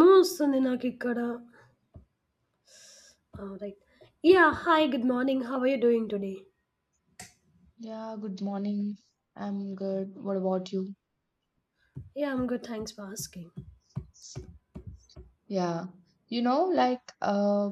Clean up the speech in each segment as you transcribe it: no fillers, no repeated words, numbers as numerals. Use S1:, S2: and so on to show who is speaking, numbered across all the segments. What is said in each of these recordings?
S1: Almost Ninakikara. All right. Yeah, hi, good morning. How are you doing today?
S2: Yeah, good morning. I'm good. What about you?
S1: Yeah, I'm good. Thanks for asking.
S2: Yeah. You know, like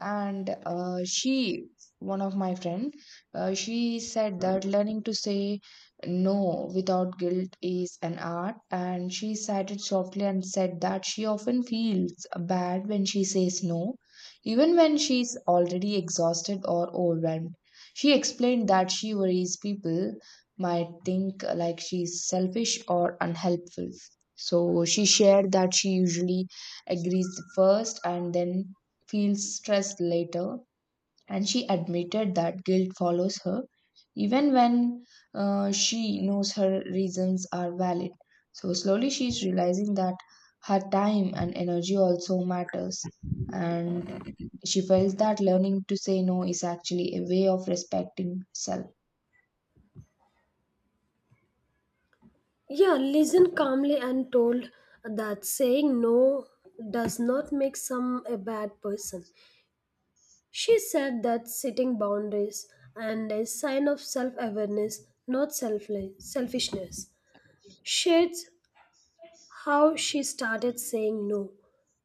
S2: and she one of my friend she said that learning to say no without guilt is an art and she cited softly and said that she often feels bad when she says no even when she's already exhausted or overwhelmed. She explained that she worries people might think she's selfish or unhelpful, so she shared that she usually agrees first and then feels stressed later, and she admitted that guilt follows her even when she knows her reasons are valid. So slowly she's realizing that her time and energy also matters, and she felt that learning to say no is actually a way of respecting self.
S1: Yeah, listen calmly and told that saying no does not make some a bad person. She said that setting boundaries and a sign of self-awareness, not selfless, selfishness. Shades how she started saying no,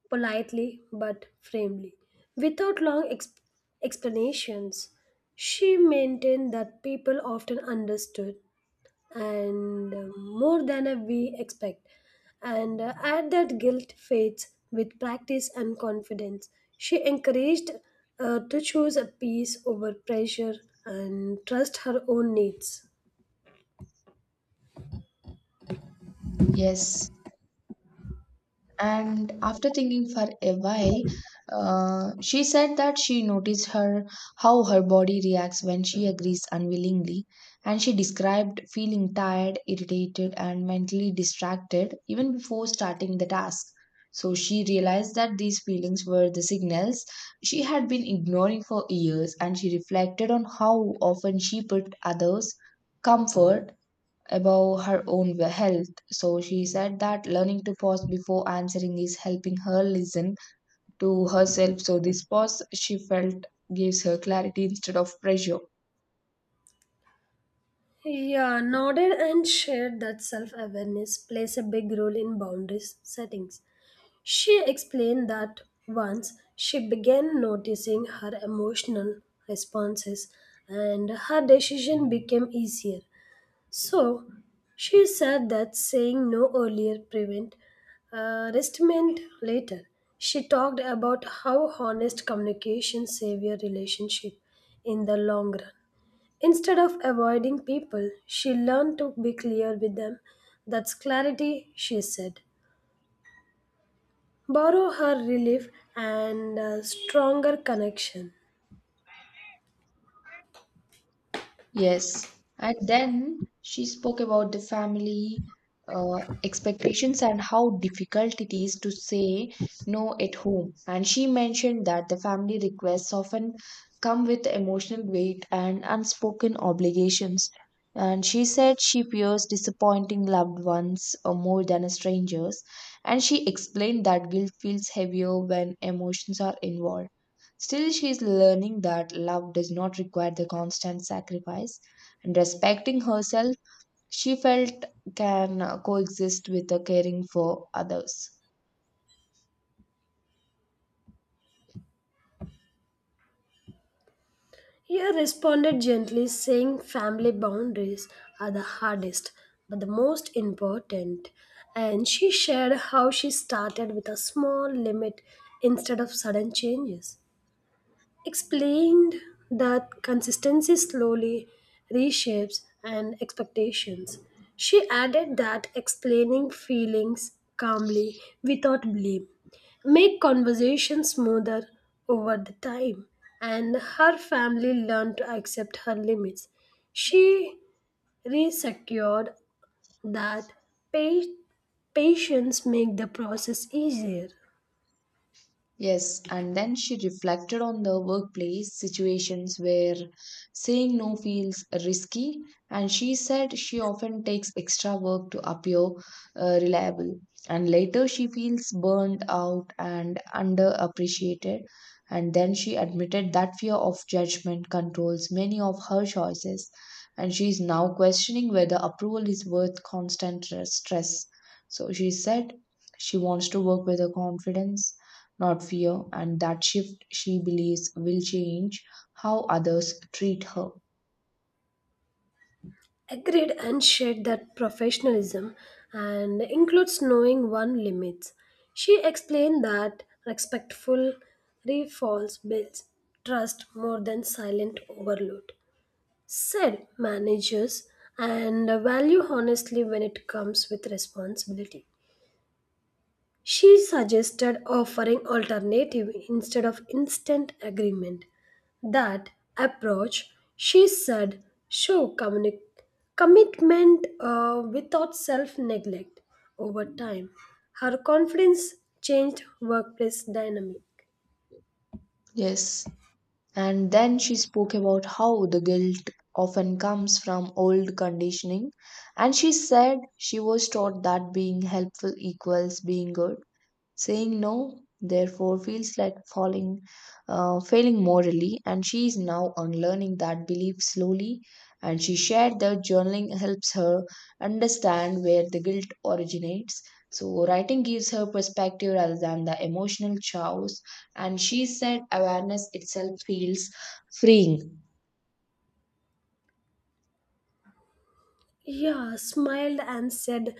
S1: politely but firmly. Without long explanations, she maintained that people often understood and more than we expect. And At that guilt fades with practice and confidence. She encouraged to choose a peace over pressure and trust her own needs.
S2: Yes. And after thinking for a while, she said that she noticed her how her body reacts when she agrees unwillingly, and she described feeling tired, irritated, and mentally distracted even before starting the task. So she realized that these feelings were the signals she had been ignoring for years, and she reflected on how often she put others' comfort about her own health. So she said that learning to pause before answering is helping her listen to herself. So this pause, she felt, gives her clarity instead of pressure.
S1: Yeah, nodded and shared that self awareness plays a big role in boundaries settings. She explained that once she began noticing her emotional responses and her decision became easier. So she said that saying no earlier prevent restraint later. She talked about how honest communication save your relationship in the long run. Instead of avoiding people, she learned to be clear with them. That's clarity, she said. Borrow her relief and a stronger connection.
S2: Yes. And then she spoke about the family expectations and how difficult it is to say no at home. And she mentioned that the family requests often come with emotional weight and unspoken obligations. And she said she fears disappointing loved ones more than strangers. And she explained that guilt feels heavier when emotions are involved. Still, she is learning that love does not require the constant sacrifice, and respecting herself, she felt, can coexist with the caring for others.
S1: He responded gently, saying family boundaries are the hardest but the most important. And she shared how she started with a small limit instead of sudden changes. Explained that consistency slowly reshapes and expectations. She added that explaining feelings calmly without blame make conversation smoother over the time and her family learned to accept her limits. She resecured that pa- patience make the process easier.
S2: Yes, and then she reflected on the workplace situations where saying no feels risky, and she said she often takes extra work to appear reliable. And later she feels burned out and underappreciated. And then she admitted that fear of judgment controls many of her choices, and she is now questioning whether approval is worth constant stress. So she said she wants to work with her confidence, not fear, and that shift, she believes, will change how others treat her.
S1: Agreed and shared that professionalism and includes knowing one limits. She explained that respectful refalls builds trust more than silent overload. Said managers and value honestly when it comes with responsibility. She suggested offering alternative instead of instant agreement. That approach, she said, show commitment without self neglect. Over time, her confidence changed workplace dynamic.
S2: Yes. And then she spoke about how the guilt often comes from old conditioning. And she said she was taught that being helpful equals being good. Saying no, therefore, feels like falling, failing morally, and she is now unlearning that belief slowly. And she shared that journaling helps her understand where the guilt originates. So, writing gives her perspective rather than the emotional chaos. And she said awareness itself feels freeing.
S1: Yeah, smiled and said,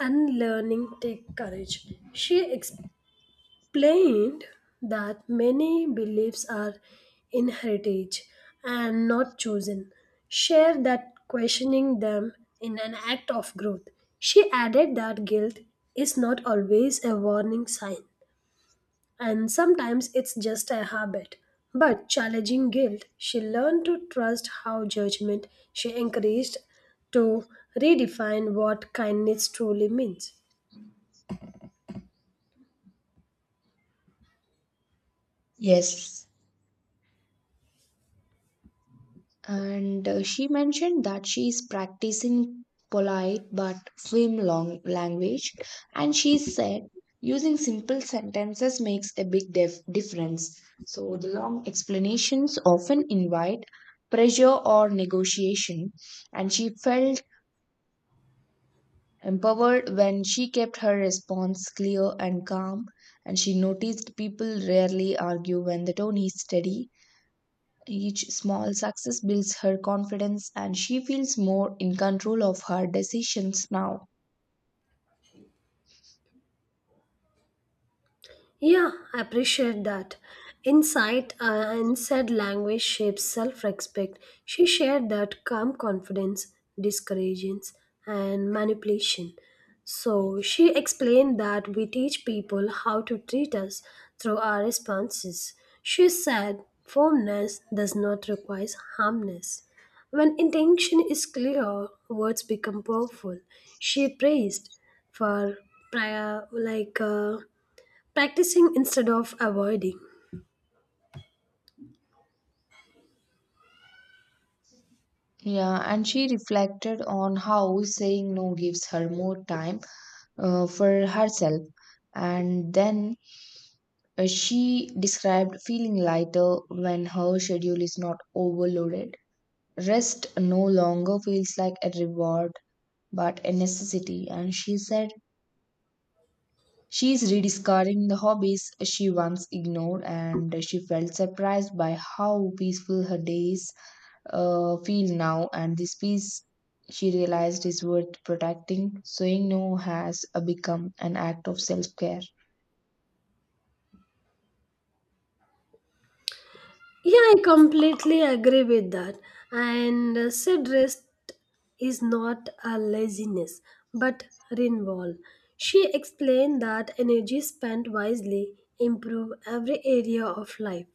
S1: unlearning take courage. She explained that many beliefs are inherited and not chosen. Share that questioning them in an act of growth. She added that guilt is not always a warning sign, and sometimes it's just a habit. But challenging guilt, she learned to trust how judgment she encouraged to redefine what kindness truly means.
S2: Yes. And she mentioned that she is practicing polite but firm long language, and she said using simple sentences makes a big difference. So the long explanations often invite pressure or negotiation, and she felt empowered when she kept her response clear and calm, and she noticed people rarely argue when the tone is steady. Each small success builds her confidence and she feels more in control of her decisions now.
S1: Yeah, I appreciate that. Insight and said language shapes self respect. She shared that calm confidence discourages and manipulation. So she explained that we teach people how to treat us through our responses. She said firmness does not require harmness. When intention is clear, words become powerful. She praised for prior, like. Practicing instead of avoiding.
S2: Yeah, and she reflected on how saying no gives her more time for herself. And then she described feeling lighter when her schedule is not overloaded. Rest no longer feels like a reward but a necessity. And she said she is rediscovering the hobbies she once ignored, and she felt surprised by how peaceful her days feel now. And this peace, she realized, is worth protecting. Saying no has become an act of self care.
S1: Yeah, I completely agree with that. And said rest is not a laziness but renewal. She explained that energy spent wisely improve every area of life.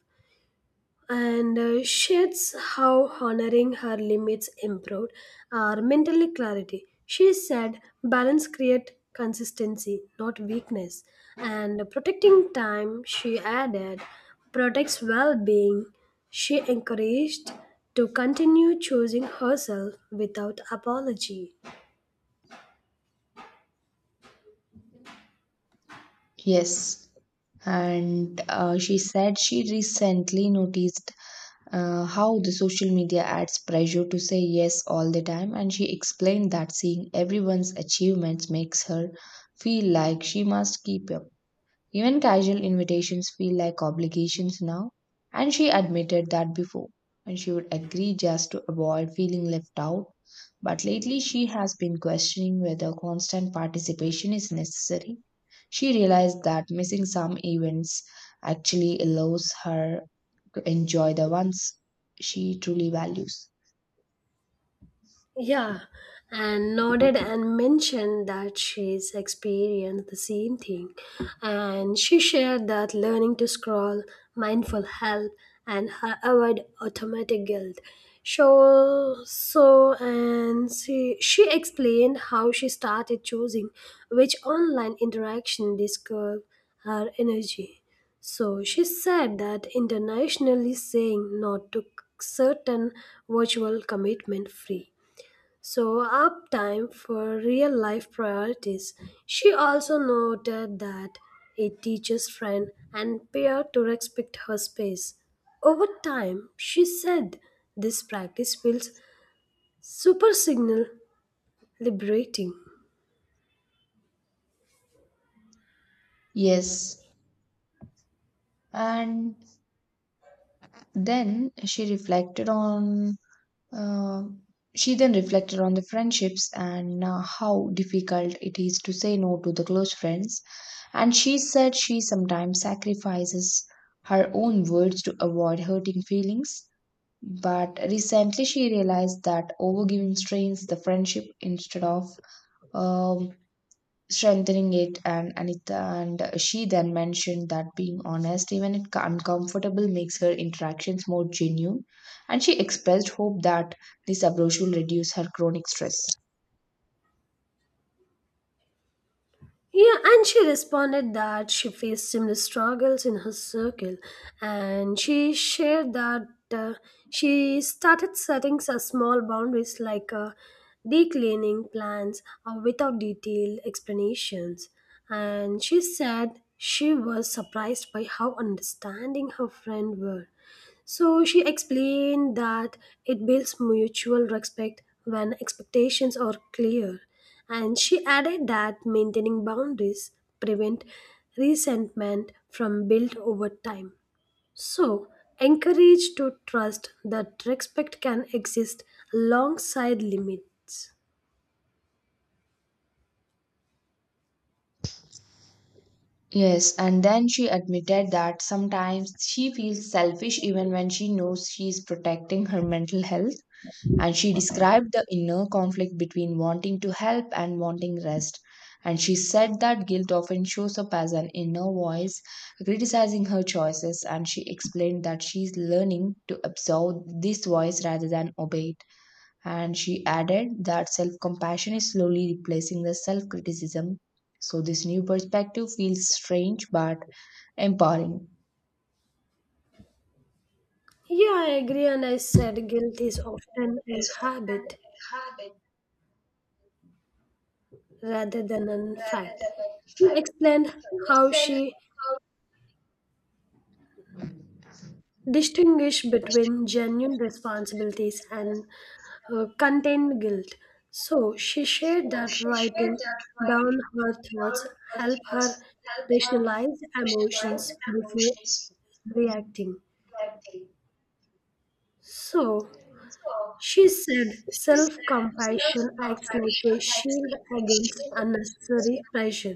S1: And Sheds how honoring her limits improved our mental clarity. She said, "Balance create consistency, not weakness." And protecting time, she added, protects well-being. She encouraged to continue choosing herself without apology.
S2: Yes. And she said she recently noticed how the social media adds pressure to say yes all the time, and she explained that seeing everyone's achievements makes her feel like she must keep up. Even casual invitations feel like obligations now, and she admitted that before, and she would agree just to avoid feeling left out. But lately, she has been questioning whether constant participation is necessary. She realized that missing some events actually allows her to enjoy the ones she truly values.
S1: Yeah, and nodded and mentioned that she's experienced the same thing. And she shared that learning to scroll, mindful help, and her avoid automatic guilt. So she explained how she started choosing which online interaction disturb her energy. So she said that internationally saying no to certain virtual commitment free so, up time for real life priorities. She also noted that a teacher's friend and peer to respect her space. Over time, she said this practice feels super signal liberating.
S2: Yes. And then uh, she then reflected on the friendships and how difficult it is to say no to the close friends. And she said she sometimes sacrifices her own words to avoid hurting feelings. But recently, she realized that overgiving strains the friendship instead of um, strengthening it. And anita and she then mentioned that being honest even if uncomfortable makes her interactions more genuine, and she expressed hope that this approach will reduce her chronic stress.
S1: Yeah, and she responded that she faced similar struggles in her circle, and she shared that uh, she started setting some small boundaries like declining plans or without detailed explanations. And she said she was surprised by how understanding her friend were. So she explained that it builds mutual respect when expectations are clear. And she added that maintaining boundaries prevent resentment from built over time. So encourage to trust that respect can exist alongside limits.
S2: Yes, and then she admitted that sometimes she feels selfish even when she knows she is protecting her mental health. And she described the inner conflict between wanting to help and wanting rest. And she said that guilt often shows up as an inner voice criticizing her choices. And she explained that she's learning to absorb this voice rather than obey it. And she added that self compassion is slowly replacing the self criticism. So, this new perspective feels strange but empowering.
S1: Yeah, I agree, and I said guilt is often a habit rather than a fact. She explained how she distinguish between genuine responsibilities and contained guilt. So she shared that writing down her thoughts help her rationalize emotions before reacting. So she said self-compassion acts like a shield against unnecessary pressure.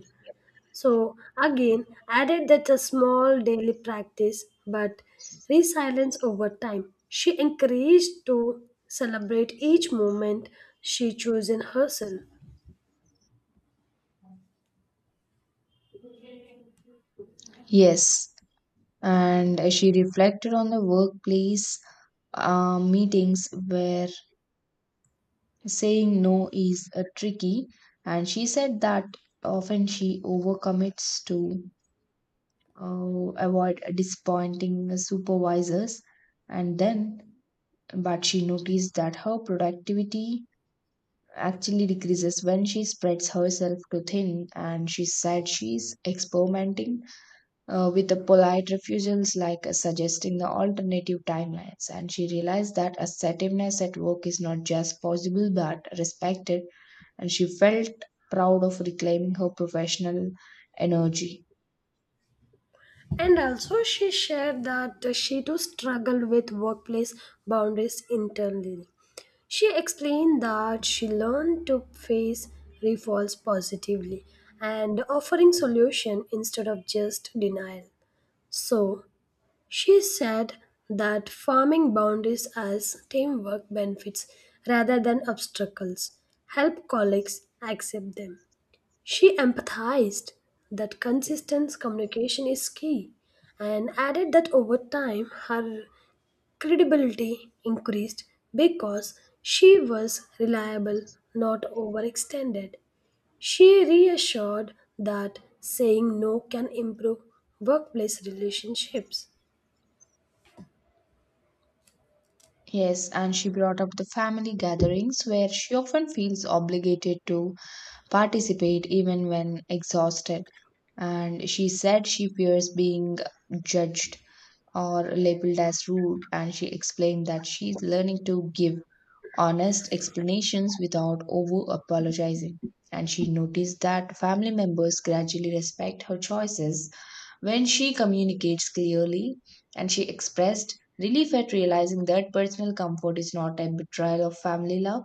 S1: So again, added that a small daily practice, but resilience over time. She encouraged to celebrate each moment she chose in herself.
S2: Yes, and she reflected on the workplace meetings where saying no is tricky, and she said that often she overcommits to avoid disappointing the supervisors, and then but she noticed that her productivity actually decreases when she spreads herself too thin. And she said she's experimenting with the polite refusals, like suggesting the alternative timelines, and she realized that assertiveness at work is not just possible but respected, and she felt proud of reclaiming her professional energy.
S1: And also she shared that she too struggled with workplace boundaries internally. She explained that she learned to face refalls positively and offering solution instead of just denial. So, she said that farming boundaries as teamwork benefits rather than obstacles help colleagues accept them. She empathized that consistent communication is key and added that over time her credibility increased because she was reliable, not overextended. She reassured that saying no can improve workplace relationships.
S2: Yes, and she brought up the family gatherings where she often feels obligated to participate even when exhausted. And she said she fears being judged or labeled as rude, and she explained that she's learning to give honest explanations without over apologizing. And she noticed that family members gradually respect her choices when she communicates clearly. And she expressed relief at realizing that personal comfort is not a betrayal of family love.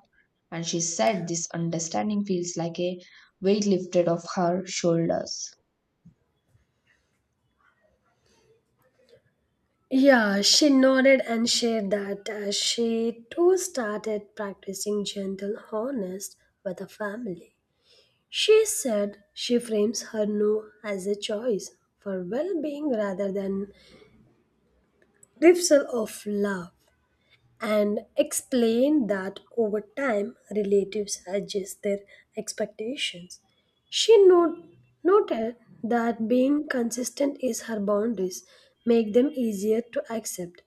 S2: And she said this understanding feels like a weight lifted off her shoulders.
S1: Yeah, she nodded and shared that as she too started practicing gentle honest with her family. She said she frames her no as a choice for well being rather than refusal of love and explained that over time relatives adjust their expectations. She noted that being consistent is her boundaries make them easier to accept.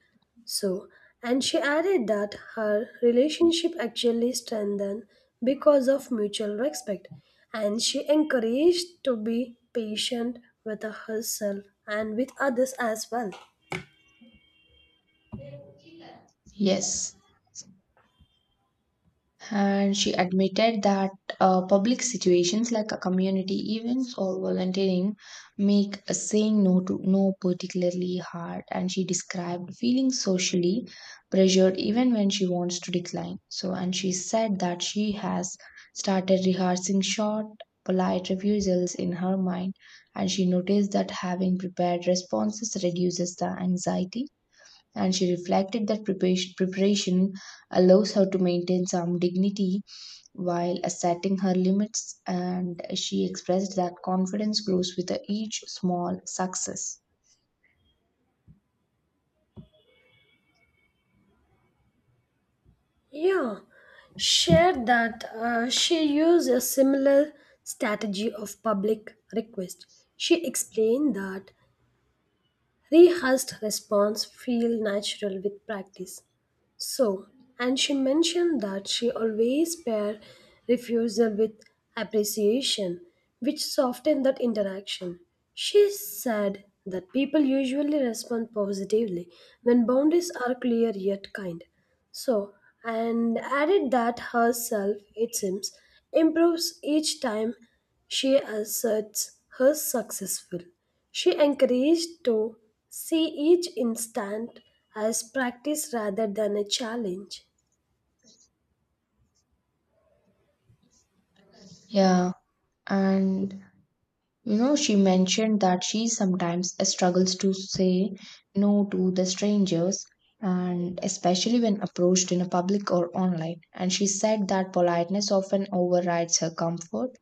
S1: So, and she added that her relationship actually strengthened because of mutual respect, and she encouraged to be patient with herself and with others as well.
S2: Yes. And she admitted that public situations like a community events or volunteering make saying no particularly hard. And she described feeling socially pressured even when she wants to decline. So, and she said that she has started rehearsing short, polite refusals in her mind. And she noticed that having prepared responses reduces the anxiety. And she reflected that preparation allows her to maintain some dignity while setting her limits, and she expressed that confidence grows with each small success.
S1: Yeah, shared that she used a similar strategy of public request. She explained that rehearsed response feel natural with practice. So, and she mentioned that she always pair refusal with appreciation, which softened that interaction. She said that people usually respond positively when boundaries are clear yet kind. So, and added that herself, it seems, improves each time she asserts her successful. She encouraged to see each instant as practice rather than a challenge.
S2: Yeah, and you know, she mentioned that she sometimes struggles to say no to the strangers, and especially when approached in a public or online. And she said that politeness often overrides her comfort,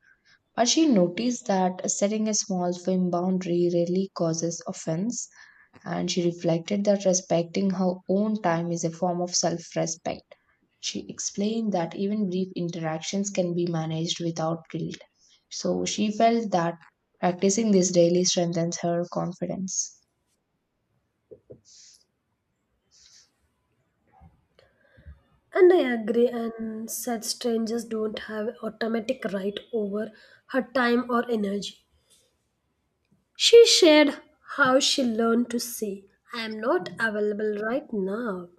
S2: but she noticed that setting a small firm boundary rarely causes offense, and she reflected that respecting her own time is a form of self respect. She explained that even brief interactions can be managed without guilt. So she felt that practicing this daily strengthens her confidence.
S1: And I agree, and said strangers don't have automatic right over her time or energy. She shared how she learned to say, I am not available right now,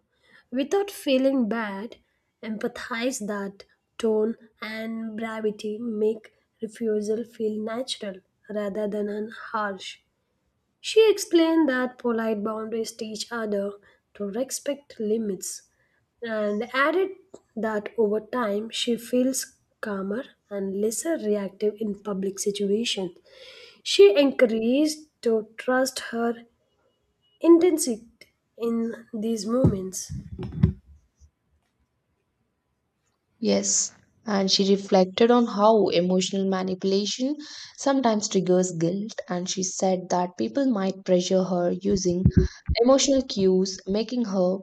S1: without feeling bad, empathize that tone and brevity make refusal feel natural rather than harsh. She explained that polite boundaries teach others to respect limits and added that over time she feels calmer and lesser reactive in public situations. She encouraged to trust her intensity in these moments.
S2: Yes, and she reflected on how emotional manipulation sometimes triggers guilt, and she said that people might pressure her using emotional cues, making her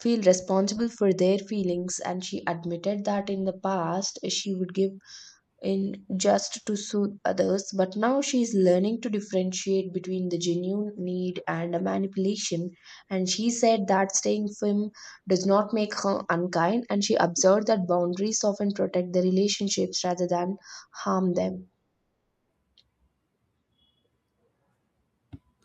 S2: feel responsible for their feelings. And she admitted that in the past she would give in just to soothe others, but now she is learning to differentiate between the genuine need and a manipulation. And she said that staying firm does not make her unkind, and she observed that boundaries often protect the relationships rather than harm them.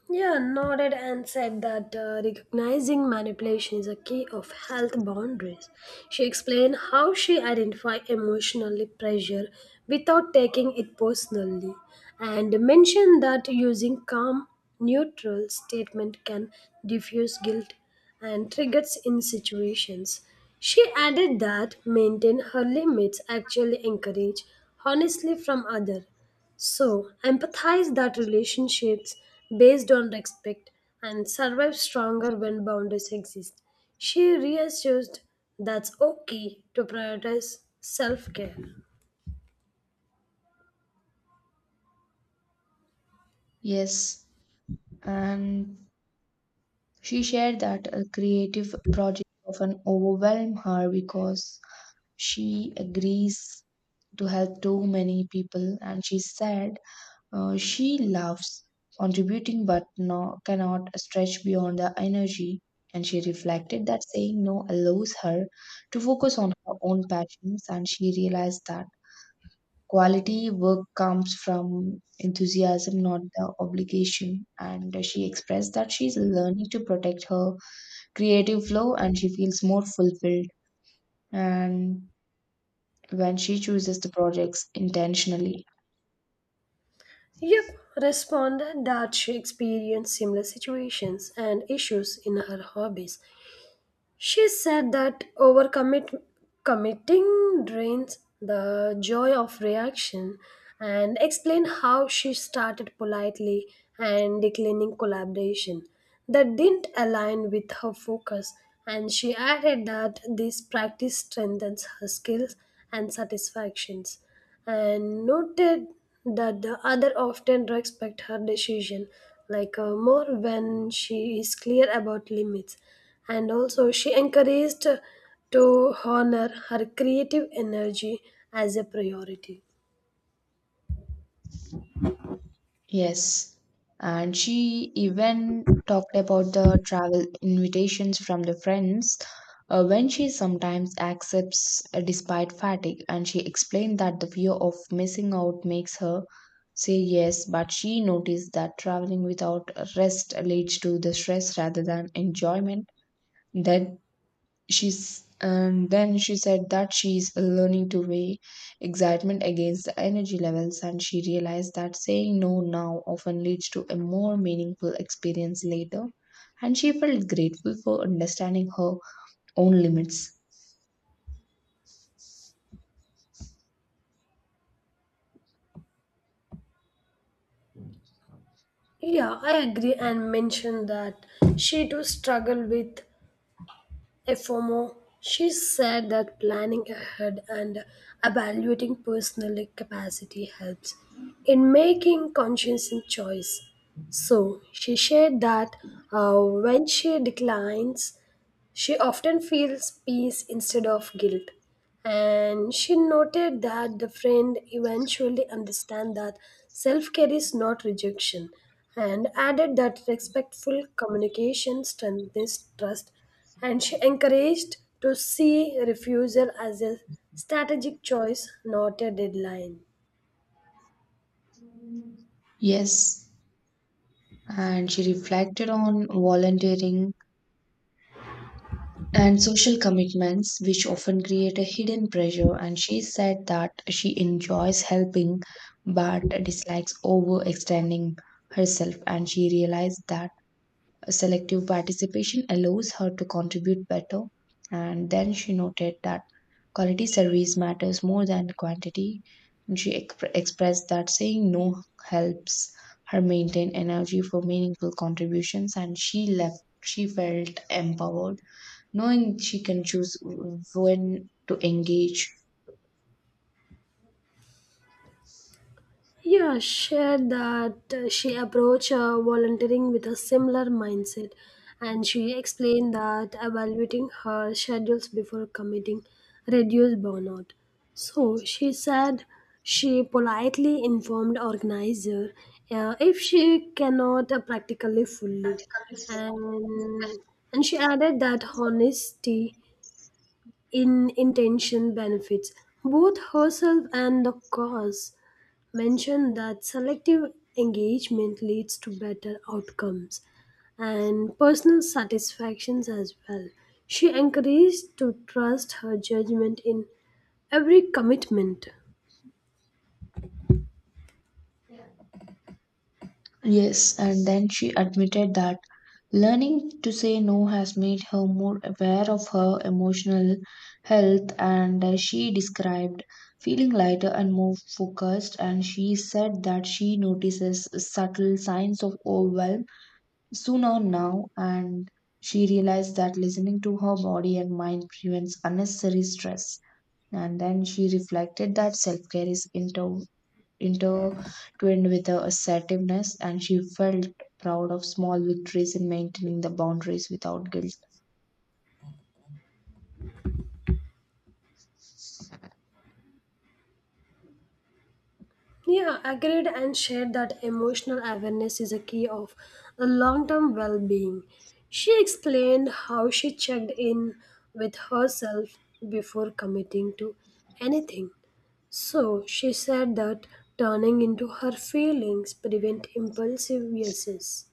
S1: Yeah, nodded and said that recognizing manipulation is a key of health boundaries. She explained how she identified emotional pressure without taking it personally and mentioned that using calm, neutral statement can diffuse guilt and triggers in situations. She added that maintain her limits actually encourage honestly from other so, empathize that relationships based on respect and survive stronger when boundaries exist. She reassured that's okay to prioritize self care.
S2: Yes, and she shared that a creative project often overwhelm her because she agrees to help too many people. And she said she loves contributing but no, cannot stretch beyond the energy. And she reflected that saying no allows her to focus on her own passions, and she realized that quality work comes from enthusiasm, not the obligation. And she expressed that she's learning to protect her creative flow, and she feels more fulfilled and when she chooses the projects intentionally.
S1: Yep, responded that she experienced similar situations and issues in her hobbies. She said that overcommit committing drains the joy of reaction and explained how she started politely and declining collaboration that didn't align with her focus and she added that this practice strengthens her skills and satisfactions and noted that the other often respect her decision like more when she is clear about limits and also she encouraged to honor her creative energy as a priority.
S2: Yes, and she even talked about the travel invitations from the friends when she sometimes accepts despite fatigue. And she explained that the fear of missing out makes her say yes, but she noticed that traveling without rest leads to the stress rather than enjoyment. That she's and then she said that she's learning to weigh excitement against the energy levels, and she realized that saying no now often leads to a more meaningful experience later, and she felt grateful for understanding her own limits.
S1: Yeah, I agree and mention that she too struggled with FOMO. She said that planning ahead and evaluating personal capacity helps in making conscious choice. So she shared that when she declines she often feels peace instead of guilt. And she noted that the friend eventually understand that self-care is not rejection and added that respectful communication strengthens trust and she encouraged to see refusal as a strategic choice, not a deadline.
S2: Yes, and she reflected on volunteering and social commitments, which often create a hidden pressure. And she said that she enjoys helping but dislikes overextending herself. And she realized that selective participation allows her to contribute better. And then she noted that quality service matters more than quantity. And she expressed that saying no helps her maintain energy for meaningful contributions, and she left. She felt empowered knowing she can choose when to engage.
S1: Yeah, shared that she approached volunteering with a similar mindset, and she explained that evaluating her schedules before committing reduced burnout. So she said she politely informed organizer if she cannot practically fully, and and she added that honesty in intention benefits both herself and the cause, mentioned that selective engagement leads to better outcomes and personal satisfactions as well. She encouraged to trust her judgment in every commitment.
S2: Yes, and then she admitted that learning to say no has made her more aware of her emotional health, and she described feeling lighter and more focused. And she said that she notices subtle signs of overwhelm sooner now, and she realized that listening to her body and mind prevents unnecessary stress. And then she reflected that self care is intertwined with a assertiveness, and she felt proud of small victories in maintaining the boundaries without guilt.
S1: Yeah, agreed and shared that emotional awareness is a key of a long-term well-being. She explained how she checked in with herself before committing to anything. So she said that turning into her feelings prevent impulsive uses.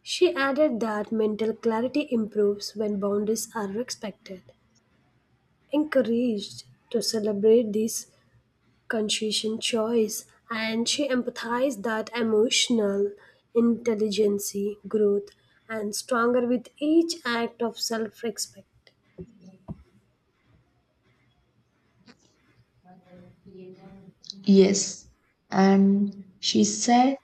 S1: She added that mental clarity improves when boundaries are respected, encouraged to celebrate these confusion choice and she empathized that emotional intelligence growth and stronger with each act of self-respect
S2: Yes. And she said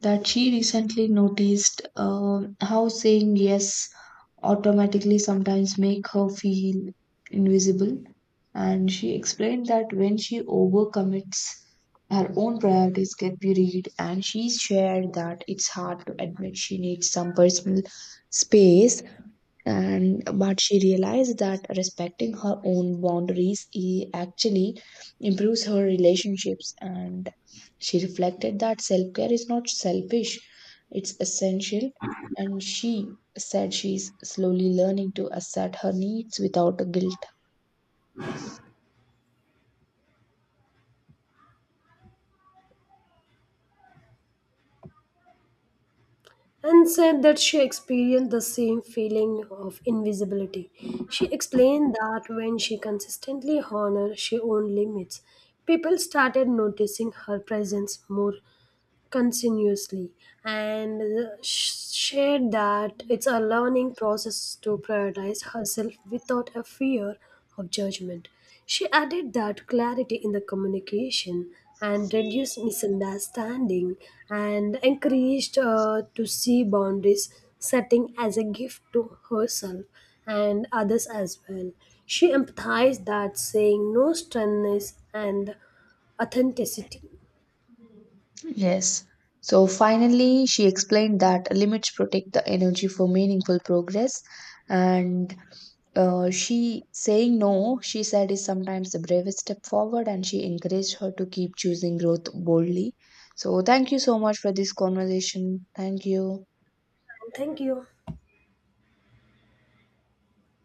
S2: that she recently noticed how saying yes automatically sometimes make her feel invisible. And she explained that when she overcommits, her own priorities get buried, and she shared that it's hard to admit she needs some personal space. And but she realized that respecting her own boundaries actually improves her relationships, and she reflected that self-care is not selfish, it's essential. And she said she's slowly learning to assert her needs without guilt.
S1: and said that she experienced the same feeling of invisibility. She explained that when she consistently honored her own limits people started noticing her presence more continuously and shared that it's a learning process to prioritize herself without a fear of judgment. She added that clarity in the communication and reduced misunderstanding and encouraged her to see boundaries setting as a gift to herself and others as well. She empathized that saying no strengthens and authenticity.
S2: Yes. So finally, she explained that limits protect the energy for meaningful progress, and she saying no, she said, is sometimes the bravest step forward, and she encouraged her to keep choosing growth boldly. So, thank you so much for this conversation. Thank you.
S1: Thank you.